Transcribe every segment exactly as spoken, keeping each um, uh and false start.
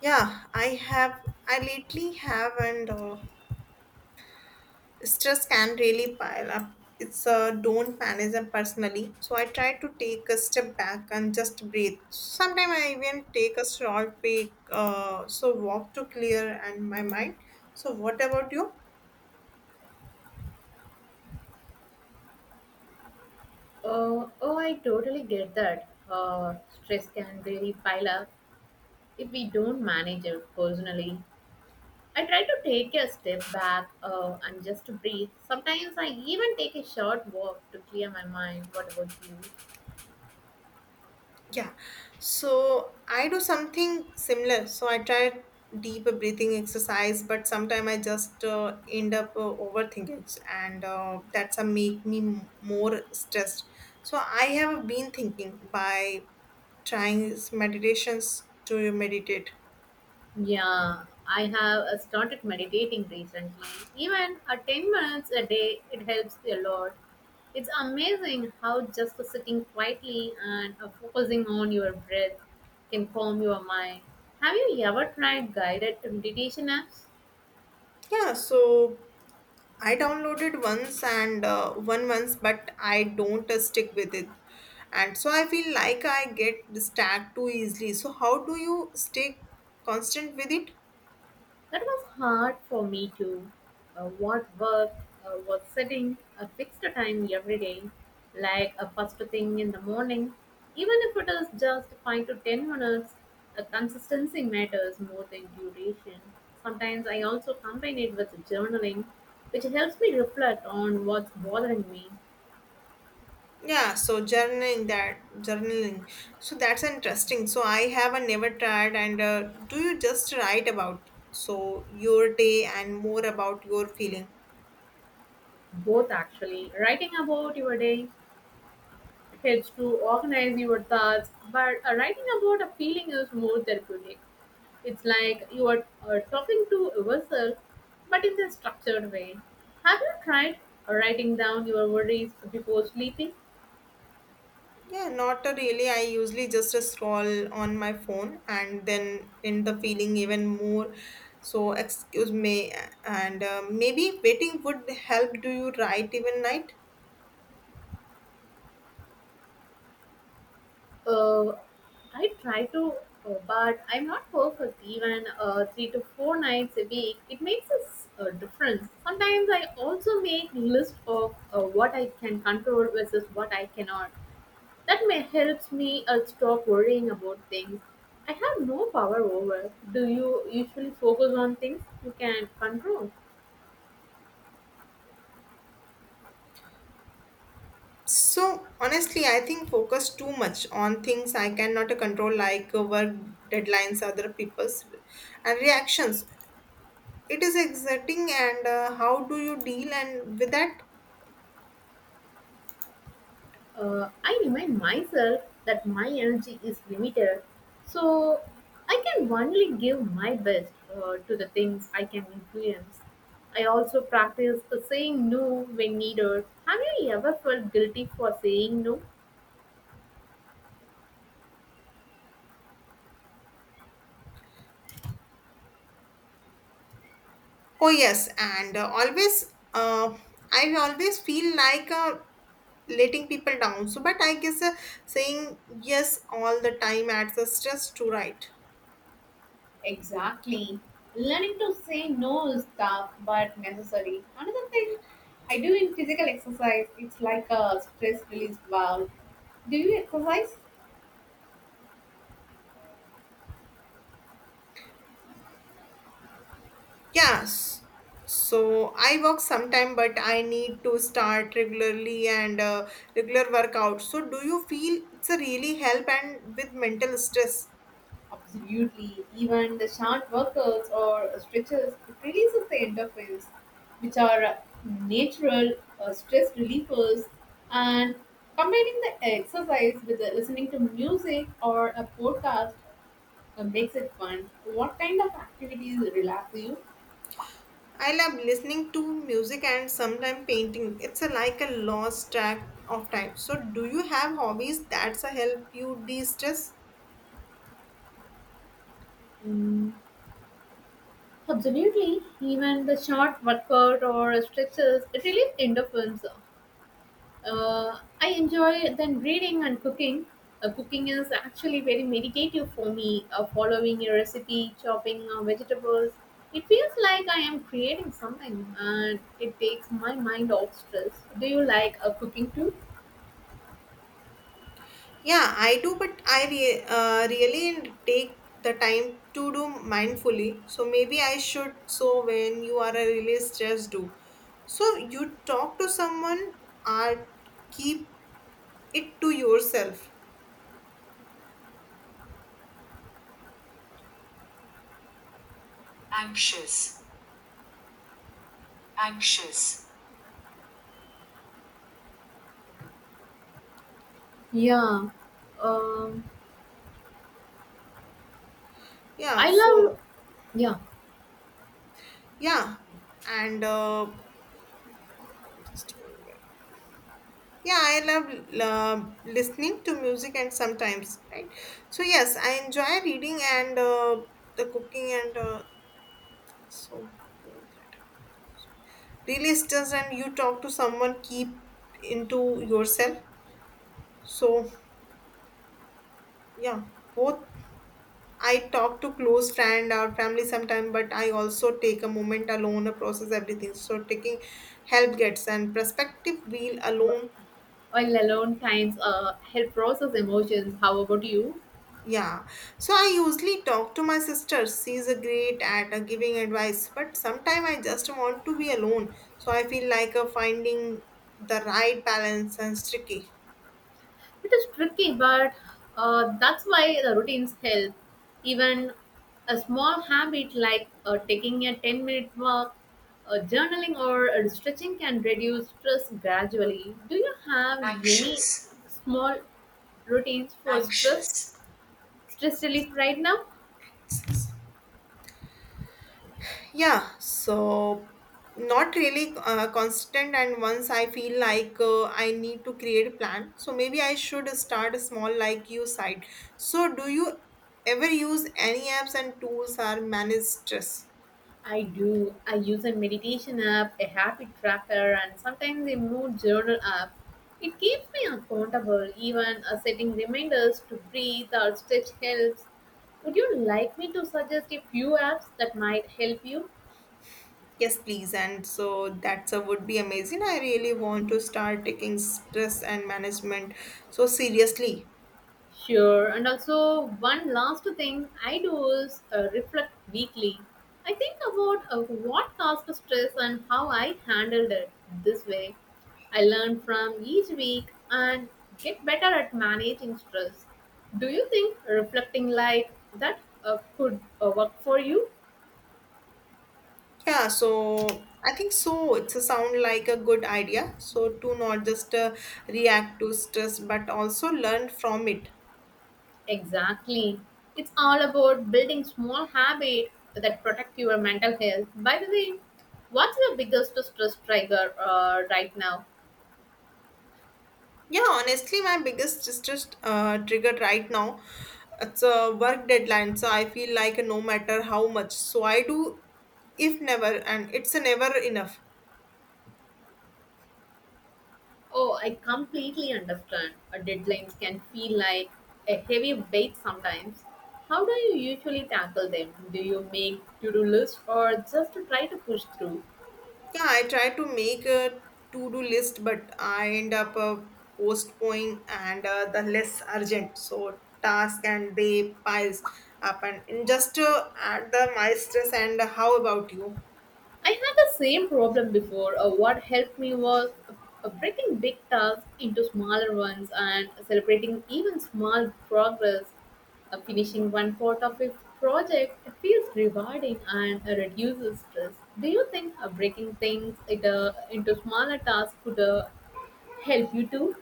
Yeah, I have. I lately have, and uh, stress can really pile up. It's uh, don't manage them personally. So I try to take a step back and just breathe. Sometimes I even take a short break, uh, so walk to clear and my mind. So what about you? Uh, oh, I totally get that. Uh, stress can really pile up if we don't manage it personally. I try to take a step back uh, and just to breathe. Sometimes I even take a short walk to clear my mind. What about you? Yeah, so I do something similar. So I try deep breathing exercise, but sometimes I just uh, end up uh, overthinking, and uh, that's a make me m- more stressed. So I have been thinking by trying meditations to meditate. Yeah, I have uh, started meditating recently. Even at ten minutes a day, it helps a lot. It's amazing how just sitting quietly and uh, focusing on your breath can calm your mind. Have you ever tried guided meditation apps? Yeah, so I downloaded once and uh, one once, but I don't uh, stick with it. And so I feel like I get distracted too easily. So how do you stay constant with it? That was hard for me too. Uh, what work uh, was setting a fixed time every day, like a first thing in the morning. Even if it is just five to ten minutes, uh, consistency matters more than duration. Sometimes I also combine it with journaling, which helps me reflect on what's bothering me. Yeah, so journaling that journaling. So that's interesting. So I have uh, never tried. And uh, do you just write about so your day and more about your feeling? Both actually. Writing about your day helps to organize your thoughts, but uh, writing about a feeling is more therapeutic. It's like you are uh, talking to yourself, but in a structured way. Have you tried writing down your worries before sleeping? Yeah, not a really. I usually just scroll on my phone and then end the feeling even more. So, excuse me, and uh, maybe waiting would help. Do you write even night? Uh, I try to, uh, but I'm not perfect. Even uh, three to four nights a week, it makes a s- a difference. Sometimes I also make list of uh, what I can control versus what I cannot. That may helps me uh, stop worrying about things I have no power over. Do you usually focus on things you can control? So, honestly, I think focus too much on things I cannot control, like uh, work deadlines, other people's and reactions. It is exerting, and uh, how do you deal and with that? Uh, I remind myself that my energy is limited, so I can only give my best uh, to the things I can influence. I also practice uh, saying no when needed. Have you ever felt guilty for saying no? Oh yes, and uh, always uh, I always feel like uh, letting people down. So, but I guess uh, saying yes all the time adds a stress to right. Exactly. Learning to say no is tough but necessary. Another thing I do in physical exercise, it's like a stress release valve. Do you exercise? Yes. So I work sometime, but I need to start regularly and uh, regular workout. So do you feel it's a really help and with mental stress? Absolutely. Even the short workouts or stretches, it releases the endorphins, which are natural uh, stress relievers. And combining the exercise with the listening to music or a podcast uh, makes it fun. What kind of activities relax you? I love listening to music and sometimes painting. It's a, like a lost track of time. So, do you have hobbies that's a help you de-stress? Mm, absolutely. Even the short workout or stretches, it releases endorphins. Uh, I enjoy then reading and cooking. Uh, cooking is actually very meditative for me. Uh, following a recipe, chopping uh, vegetables, it feels like I am creating something, and it takes my mind off stress. Do you like uh, cooking too? Yeah, I do, but I re- uh, really take the time to do mindfully. So maybe I should. So when you are a really stressed, do. So you talk to someone or keep it to yourself. Anxious. Anxious. Yeah. Um, Yeah. I So love yeah. yeah, and. Uh, Just one minute. Yeah, I love uh, listening to music and sometimes, right? So yes, I enjoy reading and uh, the cooking and uh, so both that. Really, it's just and you talk to someone, keep into yourself. So yeah, both. I talk to close friend or family sometime, but I also take a moment alone, uh, process everything. So taking help gets and perspective wheel alone. While alone times uh, help process emotions. How about you? Yeah, so I usually talk to my sister. She's a great at uh, giving advice, but sometimes I just want to be alone. So I feel like uh, finding the right balance is tricky. It is tricky, but uh, that's why the routines help. Even a small habit like uh, taking a ten minute walk, uh, journaling, or uh, stretching can reduce stress gradually. Do you have any Anxious. small routines for stress, Anxious. stress relief right now? Yeah, so not really uh, constant. And once I feel like uh, I need to create a plan, so maybe I should start small, like you said. So, do you ever use any apps and tools or manage stress? I do. I use a meditation app, a habit tracker, and sometimes a mood journal app. It keeps me accountable, even uh, setting reminders to breathe or stretch helps. Would you like me to suggest a few apps that might help you? Yes, please. And so that's a would be amazing. I really want to start taking stress and management so seriously. Sure. And also, one last thing I do is uh, reflect weekly. I think about uh, what caused the stress and how I handled it this way. I learn from each week and get better at managing stress. Do you think reflecting like that uh, could uh, work for you? Yeah, so I think so. It's a sound like a good idea. So to not just uh, react to stress, but also learn from it. Exactly. It's all about building small habits that protect your mental health. By the way, what's your biggest stress trigger uh, right now? Yeah, honestly, my biggest stress uh, trigger right now, it's a work deadline. So I feel like no matter how much, so I do, if never, and it's a never enough. Oh, I completely understand. Uh, Deadlines can feel like a heavy weight sometimes. How do you usually tackle them? Do you make to do lists or just try to push through? Yeah, I try to make a to-do list, but I end up uh, postponing and uh, the less urgent. So task and they piles up and and just uh, add the my stress. And how about you? I had the same problem before. Uh, what helped me was uh, breaking big tasks into smaller ones and celebrating even small progress. Uh, finishing one part of a project feels rewarding and uh, reduces stress. Do you think uh, breaking things into, into smaller tasks could uh, help you too?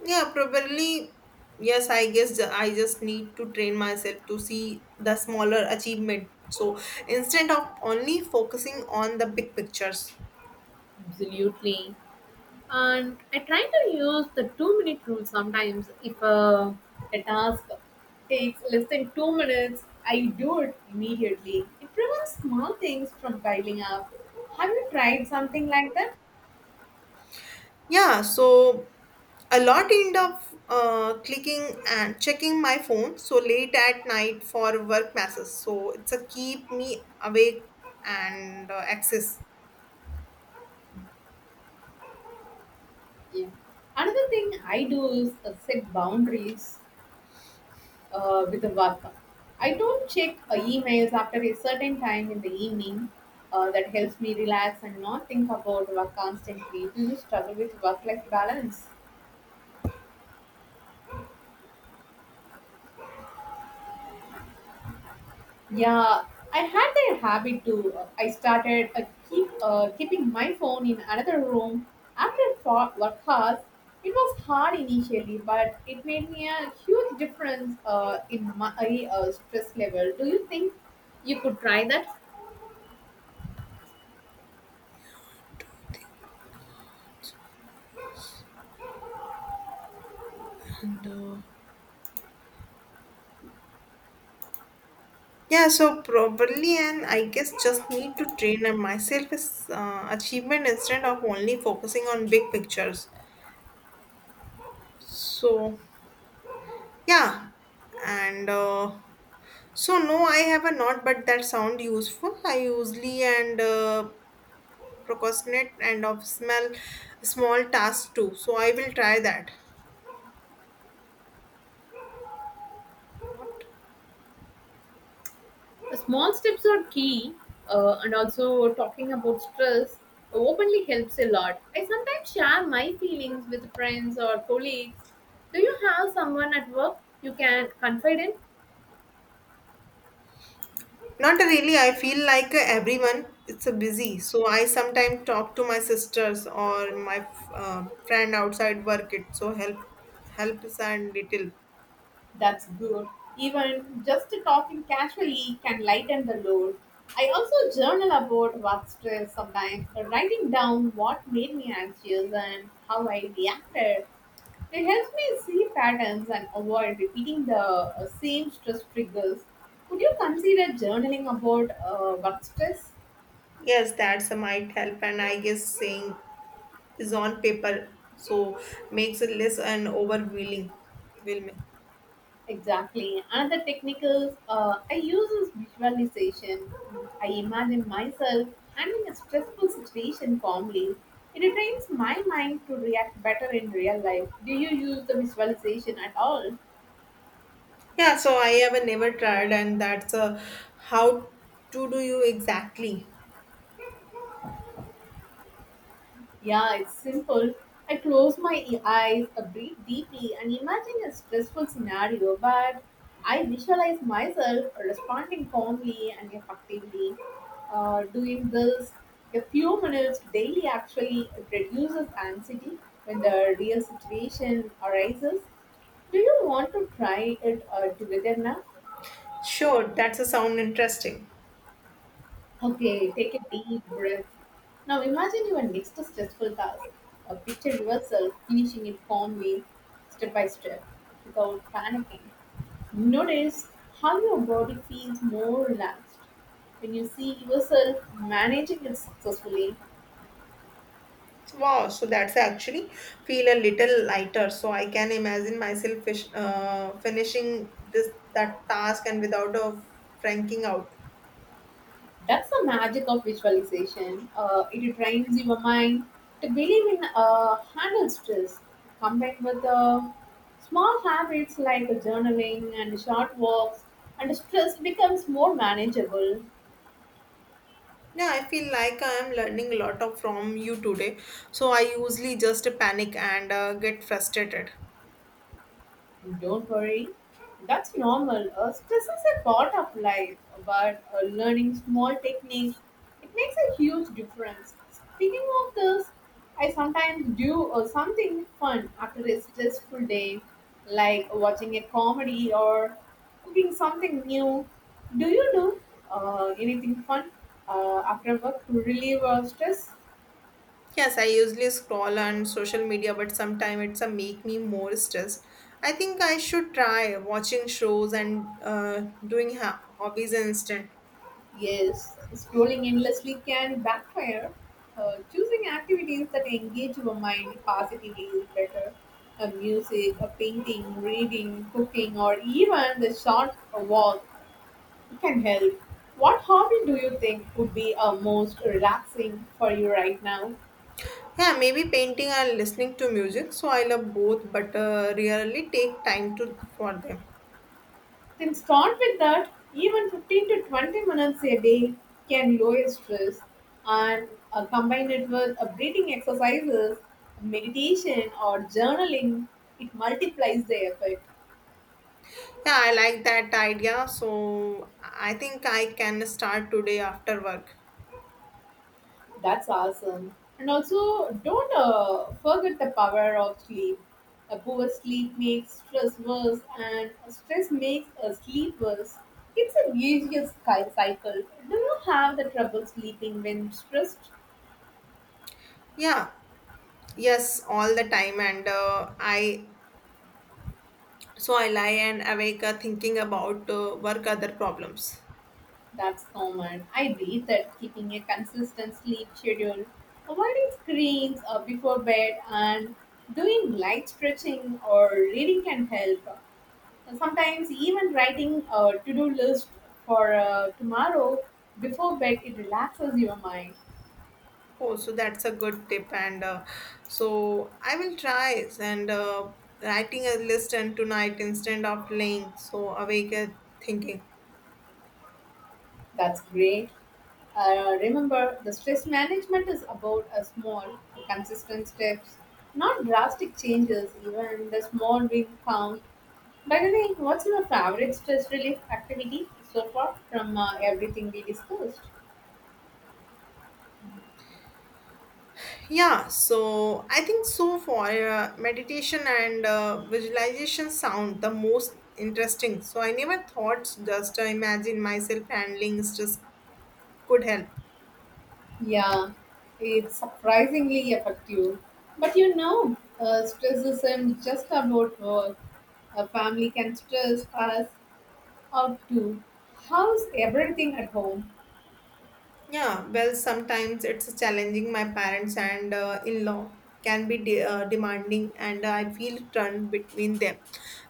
Yeah, probably. Yes, I guess ju- I just need to train myself to see the smaller achievement. So instead of only focusing on the big pictures. Absolutely. And I try to use the two minute rule sometimes. If uh, a task takes less than two minutes, I do it immediately. It prevents small things from piling up. Have you tried something like that? Yeah, so a lot end up uh, clicking and checking my phone so late at night for work messages. So it's a keep me awake and uh, access. Yeah. Another thing I do is uh, set boundaries uh, with the work. I don't check uh, emails after a certain time in the evening. Uh, that helps me relax and not think about work constantly. Do you struggle with work life balance? Yeah, I had that habit too. I started uh, keep uh, keeping my phone in another room after fo- work hours. It was hard initially, but it made me a huge difference uh, in my uh, stress level. Do you think you could try that? And uh, yeah, so probably and I guess just need to train on myself is uh, achievement instead of only focusing on big pictures. So yeah, and. Uh, so no, I have a not, but that sound useful. I usually and uh, procrastinate and of small small tasks too, so I will try that. The small steps are key, uh, and also talking about stress openly helps a lot. I sometimes share my feelings with friends or colleagues. Do you have someone at work you can confide in? Not really, I feel like uh, everyone it's a busy, so I sometimes talk to my sisters or my uh, friend outside work it so help helps and little. That's good. Even just talking casually can lighten the load. I also journal about work stress sometimes, but writing down what made me anxious and how I reacted. It helps me see patterns and avoid repeating the uh, same stress triggers. Would you consider journaling about uh, work stress? Yes, that's a might help and I guess saying is on paper so makes it less and overwhelming will me. Exactly. Another technical. Is uh, I use is visualization. I imagine myself handling a stressful situation calmly. It trains my mind to react better in real life. Do you use the visualization at all? Yeah, so I have never tried and that's a how to do you exactly. Yeah, it's simple. I close my e- eyes, uh, breathe deeply, and imagine a stressful scenario, but I visualize myself responding calmly and effectively. Uh, doing this a few minutes daily actually reduces anxiety when the real situation arises. Do you want to try it uh, together now? Sure, that's a sound interesting. Okay, take a deep breath. Now imagine your next stressful task. Uh, picture yourself finishing it calmly, step by step, without panicking. Notice how your body feels more relaxed when you see yourself managing it successfully. Wow, so that's actually feel a little lighter. So I can imagine myself fish, uh, finishing this that task and without a franking out. That's the magic of visualization. Uh, it trains your mind to believe in uh, handle stress, combined with uh, small habits like journaling and short walks, and stress becomes more manageable. Yeah, I feel like I am learning a lot of from you today. So I usually just panic and uh, get frustrated. Don't worry, that's normal. Uh, stress is a part of life, but uh, learning small techniques it makes a huge difference. Speaking of this, I sometimes do uh, something fun after a stressful day, like watching a comedy or cooking something new. Do you do uh, anything fun uh, after work to relieve uh, stress? Yes, I usually scroll on social media, but sometimes it's a make me more stressed. I think I should try watching shows and uh, doing ha- hobbies instead. Yes, scrolling endlessly can backfire. Uh, choosing activities that engage your mind positively is better. A music, a painting, reading, cooking, or even the short walk can help. What hobby do you think would be uh, most relaxing for you right now? Yeah, maybe painting and listening to music. So I love both, but uh, rarely take time to for them. Then start with that. Even fifteen to twenty minutes a day can lower stress and uh, combine it with uh, breathing exercises, meditation, or journaling. It multiplies the effort. Yeah, I like that idea. So I think I can start today after work. That's awesome. And also, don't uh, forget the power of sleep. A poor sleep makes stress worse, and stress makes a sleep worse. It's a vicious cy- cycle. Do you have the trouble sleeping when stressed? Yeah, yes, all the time, and uh, I so I lie and awake uh, thinking about uh, work other problems. That's common. I read that keeping a consistent sleep schedule, avoiding screens uh, before bed, and doing light stretching or reading can help. Sometimes even writing a to-do list for uh, tomorrow before bed it relaxes your mind. Oh, so that's a good tip, and uh, so I will try and uh, writing a list and tonight instead of laying so awake uh, thinking. That's great. Uh, remember, the stress management is about a small, consistent steps, not drastic changes. Even the small win counts. By the way, what's your favorite stress relief activity so far from uh, everything we discussed? Yeah, so I think so far uh, meditation and uh, visualization sound the most interesting. So I never thought just uh, imagine myself handling stress could help. Yeah, it's surprisingly effective. But you know, uh, stress isn't just about work. A family can stress us out too. How's everything at home? Yeah, well, sometimes it's challenging. My parents and uh, in law can be de- uh, demanding, and I feel torn between them.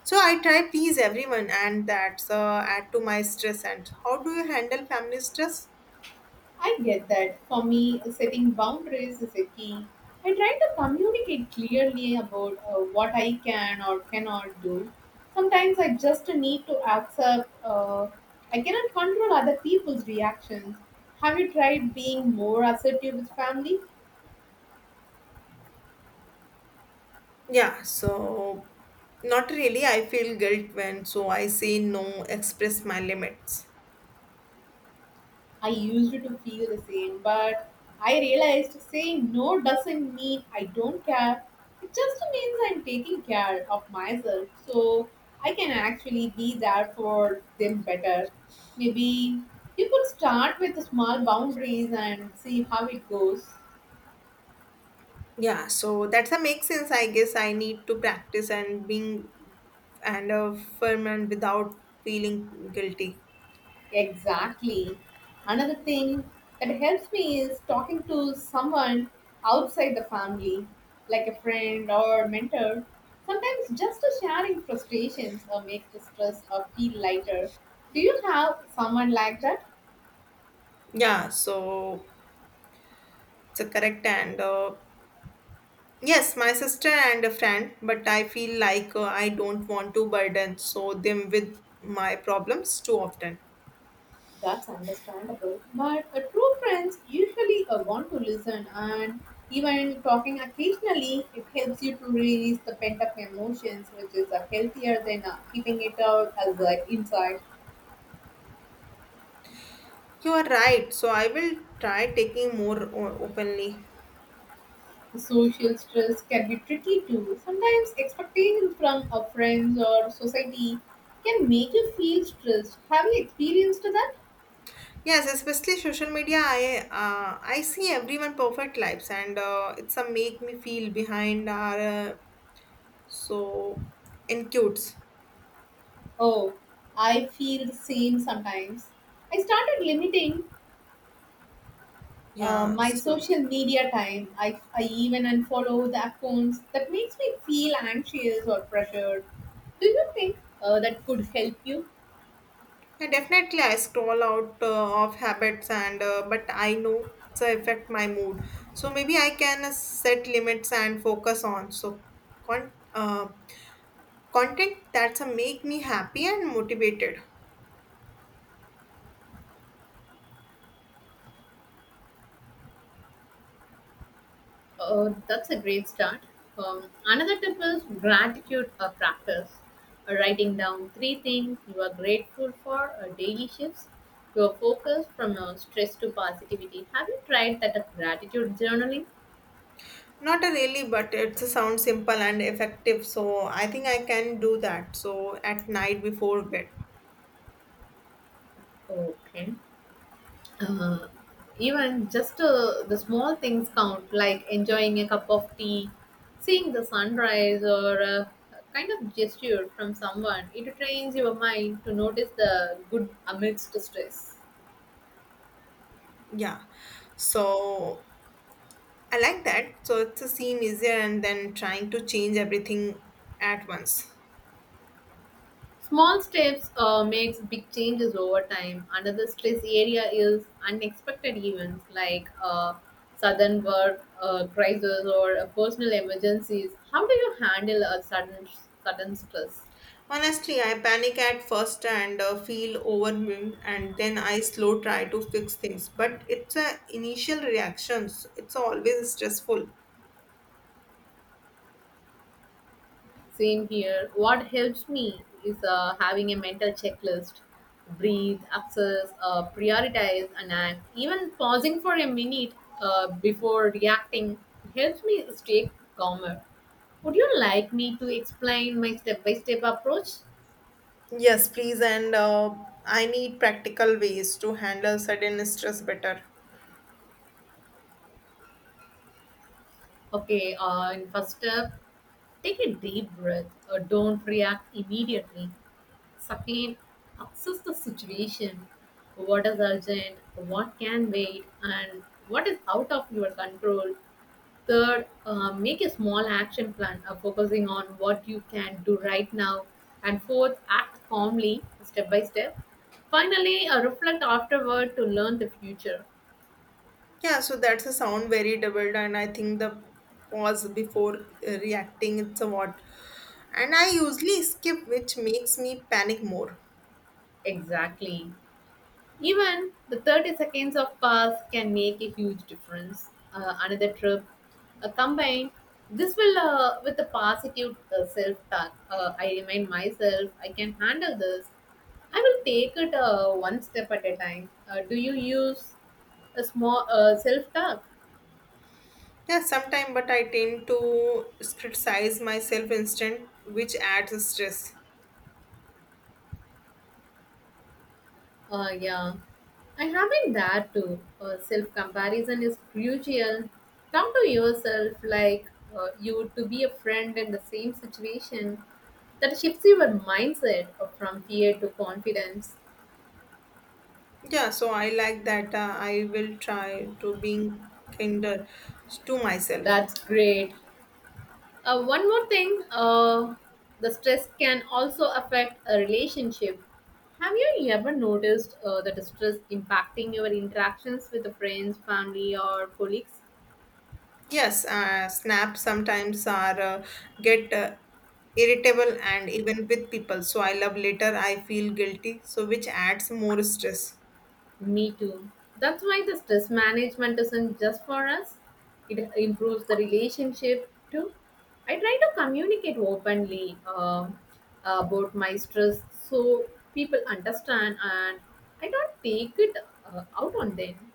So I try please everyone, and that's uh, add to my stress. And how do you handle family stress? I get that. For me, setting boundaries is a key. I try to communicate clearly about uh, what I can or cannot do. Sometimes I just need to accept uh, I cannot control other people's reactions. Have you tried being more assertive with family? Yeah, so not really. I feel guilt when so I say no, express my limits. I used to feel the same, but I realized saying no doesn't mean I don't care. It just means I'm taking care of myself so I can actually be there for them better. Maybe you could start with small boundaries and see how it goes. Yeah, so that's a make sense. I guess I need to practice and being and a firm and without feeling guilty. Exactly. Another thing that helps me is talking to someone outside the family, like a friend or a mentor. Sometimes just a sharing frustrations or makes the stress or feel lighter. Do you have someone like that? Yeah, so it's a correct and uh, yes, my sister and a friend, but I feel like uh, I don't want to burden so them with my problems too often. That's understandable. But a true friends usually uh, want to listen and even talking occasionally it helps you to release the pent up emotions which is uh, healthier than uh, keeping it out as uh, inside. You are right. So I will try taking more o- openly. Social stress can be tricky too. Sometimes expectations from our friends or society can make you feel stressed. Have you experienced that? Yes, especially social media. I uh, I see everyone perfect lives, and uh, it's a make me feel behind are uh, so in cutes. Oh, I feel the same sometimes. I started limiting uh, Yeah, my so social media time. I, I even unfollow the accounts that makes me feel anxious or pressured. Do you think uh, that could help you? yeah, definitely I scroll out uh, of habits, and uh, but I know it's a affect my mood. So maybe I can uh, set limits and focus on so con uh, content that's a make me happy and motivated. Oh, that's a great start. Um, another tip is gratitude uh, practice. Uh, writing down three things you are grateful for uh, daily shifts your focus from uh, stress to positivity. Have you tried that uh, gratitude journaling? Not a really, but it sounds simple and effective, so I think I can do that. So at night before bed. Okay. Uh, Even just uh, the small things count, like enjoying a cup of tea, seeing the sunrise, or a kind of gesture from someone. It trains your mind to notice the good amidst the stress. Yeah. So I like that. So it's a seem easier and then trying to change everything at once. Small steps uh, makes big changes over time. Another stress area is unexpected events like uh, sudden work uh, crisis or uh, personal emergencies. How do you handle a sudden sudden stress? Honestly, I panic at first and uh, feel overwhelmed, and then I slow try to fix things. But it's a initial reactions. It's always stressful. Same here. What helps me is uh, having a mental checklist. Breathe, access, uh, prioritize, and act. Even pausing for a minute uh, before reacting helps me stay calmer. Would you like me to explain my step by step approach? Yes, please, and uh, I need practical ways to handle sudden stress better. Okay, uh, in first step, take a deep breath. Uh, don't react immediately. Second, assess the situation. What is urgent? What can wait? And what is out of your control? Third, uh, make a small action plan uh, focusing on what you can do right now. And fourth, act calmly, step by step. Finally, uh, reflect afterward to learn the future. Yeah, so that's a sound very doubled, and I think the pause before uh, reacting it's a what. And I usually skip, which makes me panic more. Exactly. Even the thirty seconds of pause can make a huge difference. Uh, another trip uh, combined. This will, uh, with the positive uh, self talk, uh, I remind myself I can handle this. I will take it uh, one step at a time. Uh, do you use a small uh, self talk? Yeah, sometime, but I tend to criticize myself instant, which adds stress. Uh, yeah, I haven't that too. Uh, Self comparison is crucial. Come to yourself like uh, you to be a friend in the same situation. That shifts your mindset uh, from fear to confidence. Yeah, so I like that. Uh, I will try to being kinder to myself. That's great. Uh, one more thing, uh, the stress can also affect a relationship. Have you ever noticed uh, that the stress impacting your interactions with the friends, family, or colleagues? Yes, uh, snap sometimes are uh, get uh, irritable and even with people. So I love later I feel guilty, so which adds more stress. Me too. That's why the stress management isn't just for us. It improves the relationship too. I try to communicate openly, um, about my stress so people understand and I don't take it uh, out on them.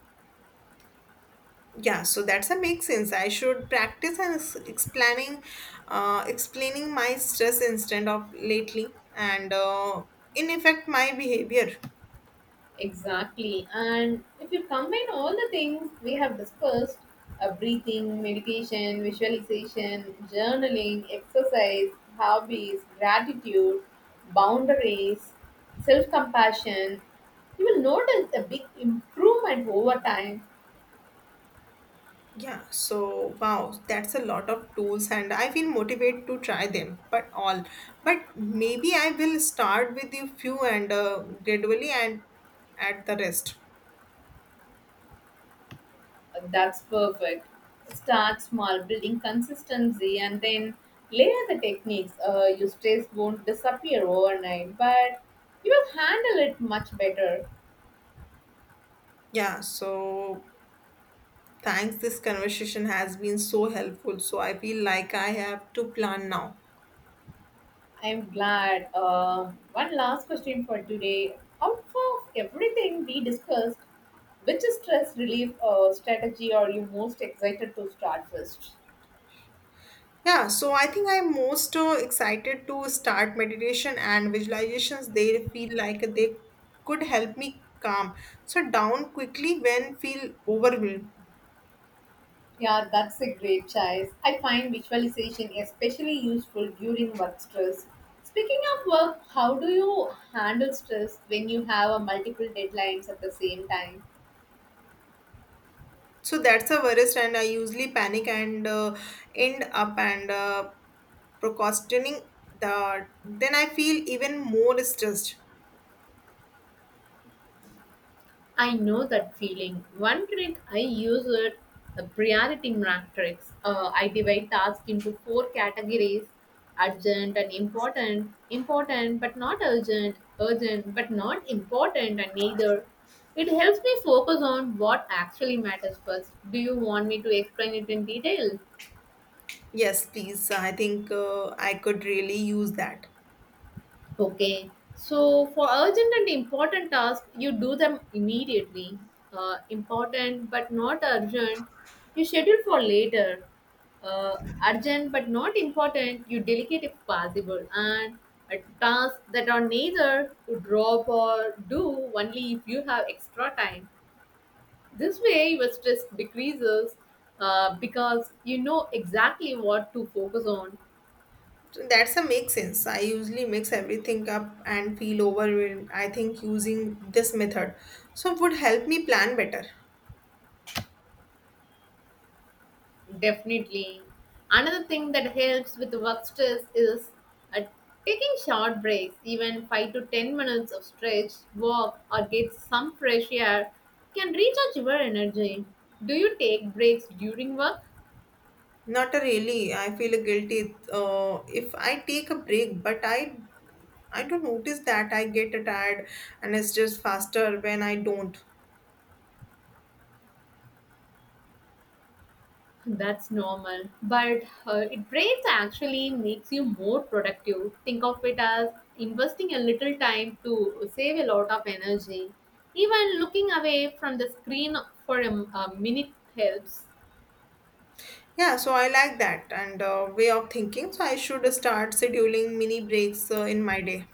Yeah, so that's a make sense. I should practice and ex- explaining, uh, explaining my stress instead of lately, and uh, in effect my behavior. Exactly. And if you combine all the things we have discussed, uh, breathing, meditation, visualization, journaling, exercise, hobbies, gratitude, boundaries, self compassion, you will notice a big improvement over time. Yeah, so wow, that's a lot of tools, and I feel motivated to try them, but all. But maybe I will start with a few and uh, gradually and add the rest. Uh, That's perfect. Start small, building consistency, and then layer the techniques. Uh, your stress won't disappear overnight, but you will handle it much better. Yeah, so thanks. This conversation has been so helpful. So I feel like I have to plan now. I'm glad. Uh, one last question for today. Out of everything we discussed, which stress relief uh, strategy are you most excited to start first? Yeah, so I think I'm most uh, excited to start meditation and visualizations. They feel like they could help me calm so down quickly when feel overwhelmed. Yeah, that's a great choice. I find visualization especially useful during work stress. Speaking of work, how do you handle stress when you have a multiple deadlines at the same time? So that's the worst, and I usually panic and uh, end up and uh, procrastinating. The then I feel even more stressed. I know that feeling. One trick I use is the priority matrix. Uh, I divide tasks into four categories: urgent and important, important but not urgent, urgent but not important, and neither. It helps me focus on what actually matters first. Do you want me to explain it in detail? Yes, please. I think uh, I could really use that. Okay. So for urgent and important tasks, you do them immediately. Uh, important but not urgent, you schedule for later. Uh, Urgent but not important, you delegate if possible. And a task that are neither to drop or do only if you have extra time. This way, your stress decreases uh, because you know exactly what to focus on. So that's a make sense. I usually mix everything up and feel overwhelmed. I think using this method so would help me plan better. Definitely. Another thing that helps with work stress is uh, taking short breaks. Even five to ten minutes of stretch, walk, or get some fresh air can recharge your energy. Do you take breaks during work? Not a really. I feel guilty uh, if I take a break, but I I don't notice that I get tired and it's just faster when I don't. That's normal, but uh, it breaks actually makes you more productive. Think of it as investing a little time to save a lot of energy. Even looking away from the screen for a, a minute helps. Yeah, so I like that and uh, way of thinking. So I should start scheduling mini breaks uh, in my day.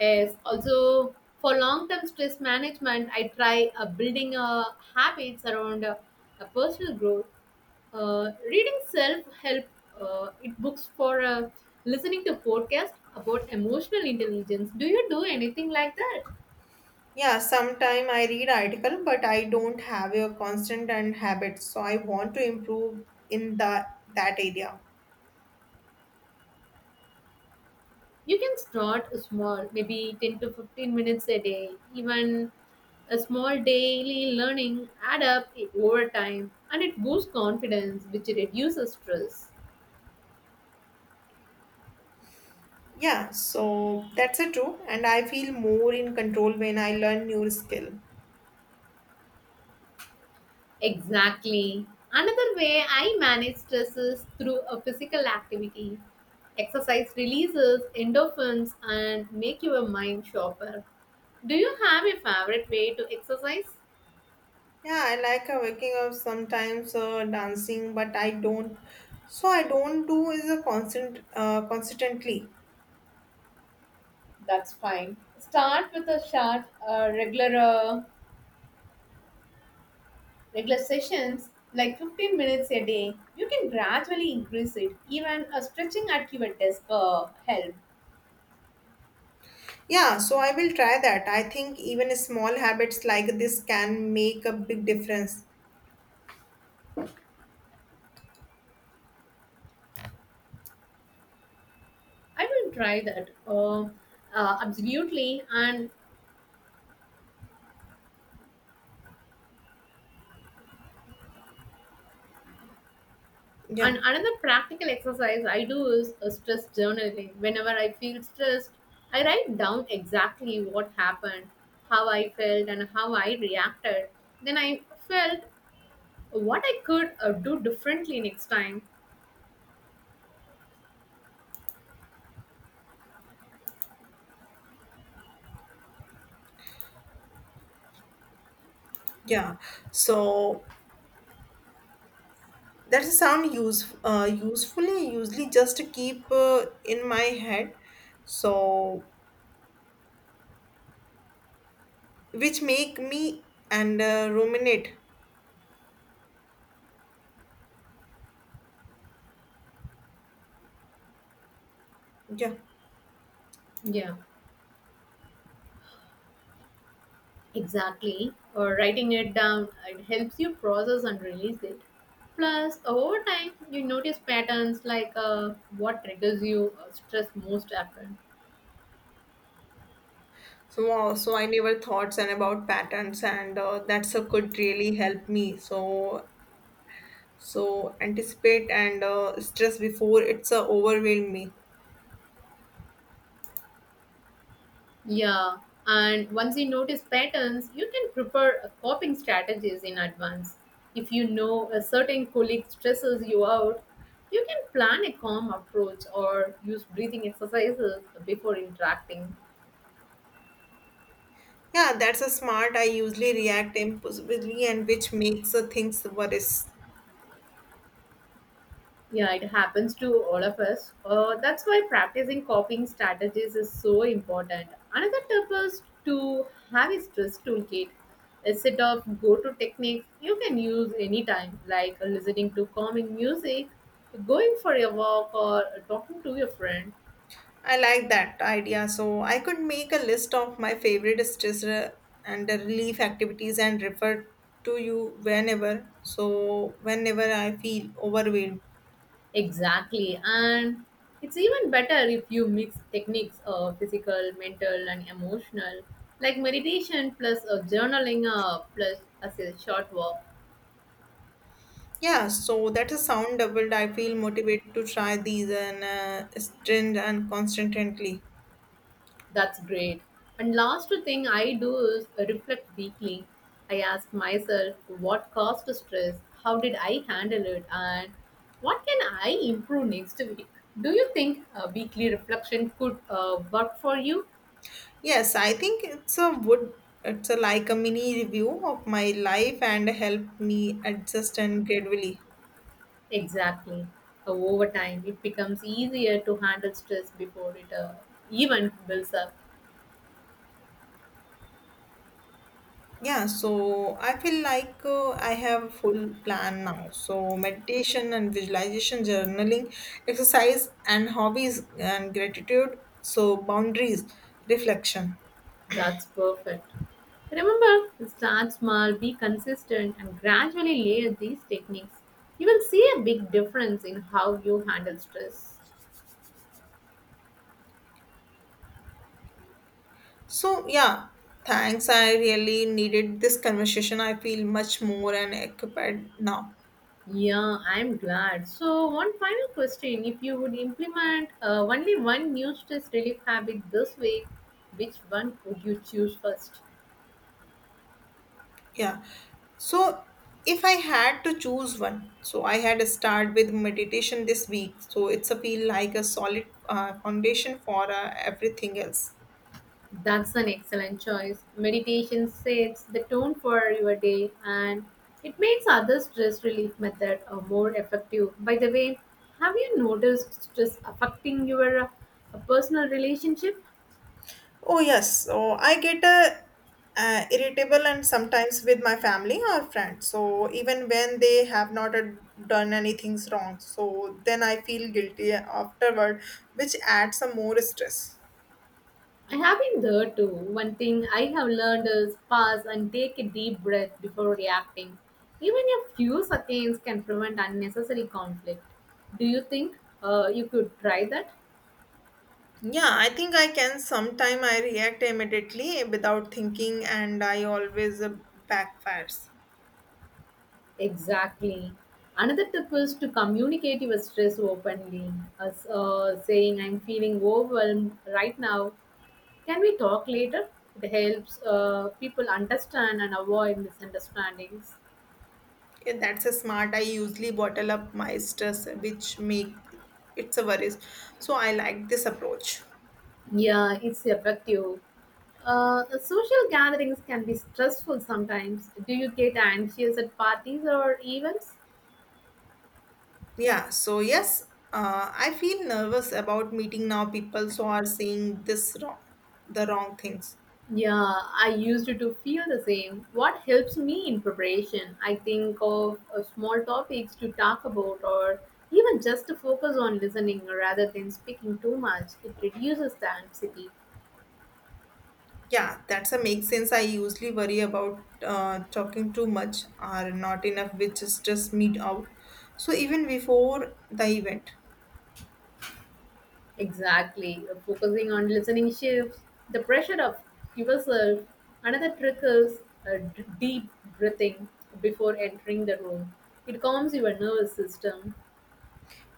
Yes, also for long-term stress management, I try uh, building uh, habits around uh, a personal growth, uh, reading self-help uh, it books for uh, listening to podcasts about emotional intelligence. Do you do anything like that? Yeah, sometime I read article, but I don't have a constant and habit. So I want to improve in the that area. You can start small, maybe ten to fifteen minutes a day. Even a small daily learning add up over time and it boosts confidence which reduces stress. Yeah, so that's a true, and I feel more in control when I learn new skill. Exactly. Another way I manage stress is through a physical activity. Exercise releases endorphins and make your mind sharper. Do you have a favorite way to exercise? Yeah, I like a waking up sometimes uh, dancing, but I don't. So I don't do is a constant, uh, consistently. That's fine. Start with a short, uh, regular, uh, regular sessions like fifteen minutes a day. You can gradually increase it. Even uh, stretching at your desk uh, help. Yeah, so I will try that. I think even small habits like this can make a big difference. I will try that. Uh, uh, absolutely. And And Yeah, another practical exercise I do is uh, stress journaling. Whenever I feel stressed, I write down exactly what happened, how I felt, and how I reacted. Then I felt what I could uh, do differently next time. yeah. So that sound use, uh, usefully. Usually, just keep uh, in my head. So which make me and uh, ruminate. Yeah. Yeah, exactly. Or writing it down, it helps you process and release it. Plus, over time, you notice patterns like, uh, what triggers you uh, stress most after. So wow, so I never thoughts and about patterns, and uh, that's a could really help me. So so anticipate and uh, stress before it's uh, overwhelm me. Yeah, and once you notice patterns, you can prepare uh, coping strategies in advance. If you know a certain colleague stresses you out, you can plan a calm approach or use breathing exercises before interacting. Yeah, that's a smart. I usually react impulsively, and which makes uh, things worse. Yeah, it happens to all of us. Uh, that's why practicing coping strategies is so important. Another tip is to have a stress toolkit, a set of go to techniques you can use anytime, like listening to calming music, going for a walk, or talking to your friend. I like that idea. So I could make a list of my favorite stress re- and relief activities and refer to you whenever. So whenever I feel overwhelmed. Exactly. And it's even better if you mix techniques of physical, mental, and emotional, like meditation plus uh, journaling uh, plus a short walk. Yeah, so that has sound doubled. I feel motivated to try these and uh, stint and constantly. That's great. And last thing I do is reflect weekly. I ask myself what caused the stress, how did I handle it, and what can I improve next week. Do you think a weekly reflection could uh, work for you? Yes, I think it's a would it's a like a mini review of my life and help me adjust and gradually. Exactly. Uh, over time, it becomes easier to handle stress before it uh, even builds up. Yeah, so I feel like uh, I have a full plan now. So meditation and visualization, journaling, exercise and hobbies and gratitude. So boundaries, reflection. That's perfect. Remember, start small, be consistent, and gradually layer these techniques. You will see a big difference in how you handle stress. So, yeah, thanks. I really needed this conversation. I feel much more and equipped now. Yeah, I'm glad. So, one final question: if you would implement uh, only one new stress relief habit this week, which one would you choose first? Yeah. So, if I had to choose one, so I had to start with meditation this week. So, it's a feel like a solid uh, foundation for uh, everything else. That's an excellent choice. Meditation sets the tone for your day and it makes other stress relief method uh, more effective. By the way, have you noticed stress affecting your uh, personal relationship? Oh yes, so I get a uh, irritable and sometimes with my family or friends. So even when they have not uh, done anything wrong, so then I feel guilty afterward, which adds some more stress. I have been there too. One thing I have learned is pause and take a deep breath before reacting. Even a few seconds can prevent unnecessary conflict. Do you think uh, you could try that? Yeah, I think I can. Sometime I react immediately without thinking, and I always uh, backfires. Exactly. Another tip is to communicate your stress openly, as uh, saying, I'm feeling overwhelmed right now. Can we talk later? It helps uh, people understand and avoid misunderstandings. Yeah, that's a smart. I usually bottle up my stress, which make it's a worries. So I like this approach. Yeah, it's effective. Uh, social gatherings can be stressful sometimes. Do you get anxious at parties or events? Yeah, so yes, uh, I feel nervous about meeting now people so are saying this wrong, the wrong things. Yeah, I used to feel the same. What helps me in preparation? I think of uh, small topics to talk about or even just to focus on listening rather than speaking too much. It reduces the anxiety. Yeah, that's a make sense. I usually worry about uh, talking too much or not enough, which is just meet out. So even before the event. Exactly. Uh, Focusing on listening shifts the pressure of yourself. Another trick is uh, d- deep breathing before entering the room. It calms your nervous system.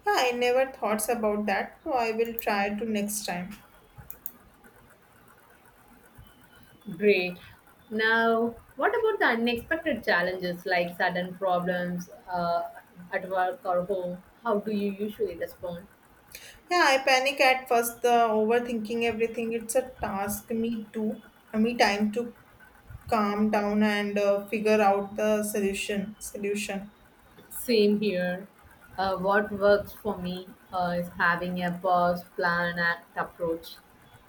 Yeah, I never thoughts about that, so I will try to next time. Great. Now, what about the unexpected challenges like sudden problems uh, at work or home? How do you usually respond? Yeah, I panic at first, the overthinking everything. It's a task, me too. Me time to calm down and uh, figure out the solution solution Same here. Uh, what works for me uh, is having a pause, plan, act approach.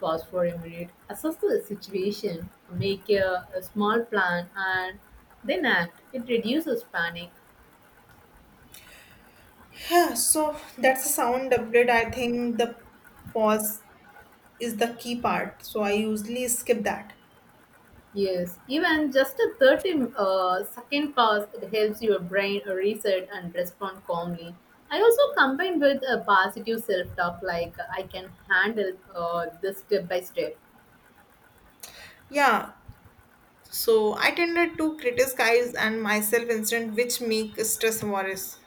Pause for a minute, assess the situation, make a, a small plan, and then act. It reduces panic. Yeah, so that's a sound doublet. I think the pause is the key part, so I usually skip that. Yes, even just a thirty uh, second pause, it helps your brain reset and respond calmly. I also combine with a positive self talk like I can handle uh, this step by step. Yeah, so I tended to criticize and myself instant, which make stress worse.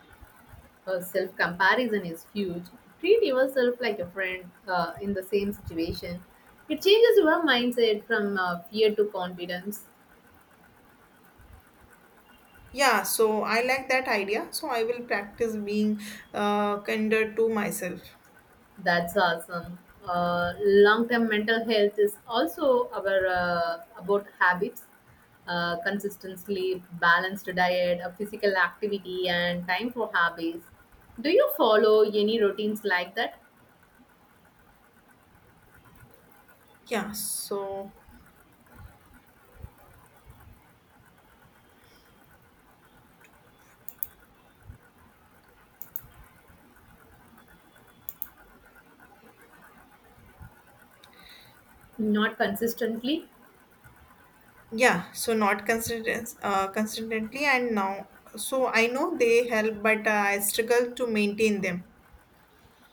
Uh, self comparison is huge. Treat yourself like a friend uh, in the same situation. It changes your mindset from uh, fear to confidence. Yeah, so I like that idea, so I will practice being uh, kinder to myself. That's awesome. Uh, long-term mental health is also our uh, about habits, uh, consistent sleep, balanced diet, uh, physical activity, and time for hobbies. Do you follow any routines like that? Yeah so Not consistently. yeah so not consistent uh, consistently and now. So I know they help, but uh, I struggle to maintain them.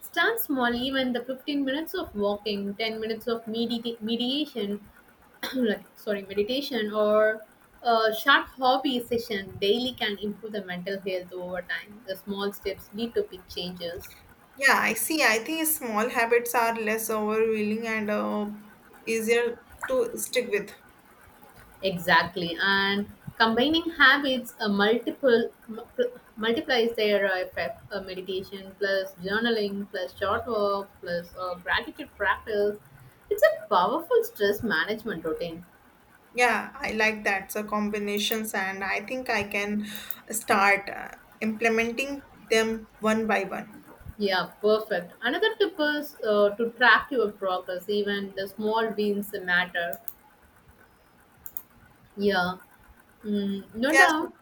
Start small, even the fifteen minutes of walking, ten minutes of medita- mediation, like, sorry, meditation or a short hobby session daily can improve the mental health over time. The small steps lead to big changes. Yeah, I see. I think small habits are less overwhelming and uh, easier to stick with. Exactly. And combining habits uh, multiple m- pl- multiplies their uh, effect. Uh, meditation plus journaling plus short work plus uh, gratitude practice. It's a powerful stress management routine. Yeah, I like that, so combinations, and I think I can start uh, implementing them one by one. Yeah, perfect. Another tip is uh, to track your progress. Even the small wins matter. Yeah, mm, no Yeah, so doubt.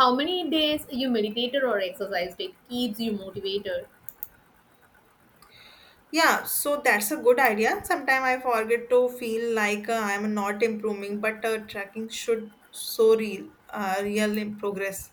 How many days you meditated or exercised. It keeps you motivated. yeah, so that's a good idea. Sometimes I forget to feel like uh, I'm not improving, but uh, tracking should show real, uh, real in progress.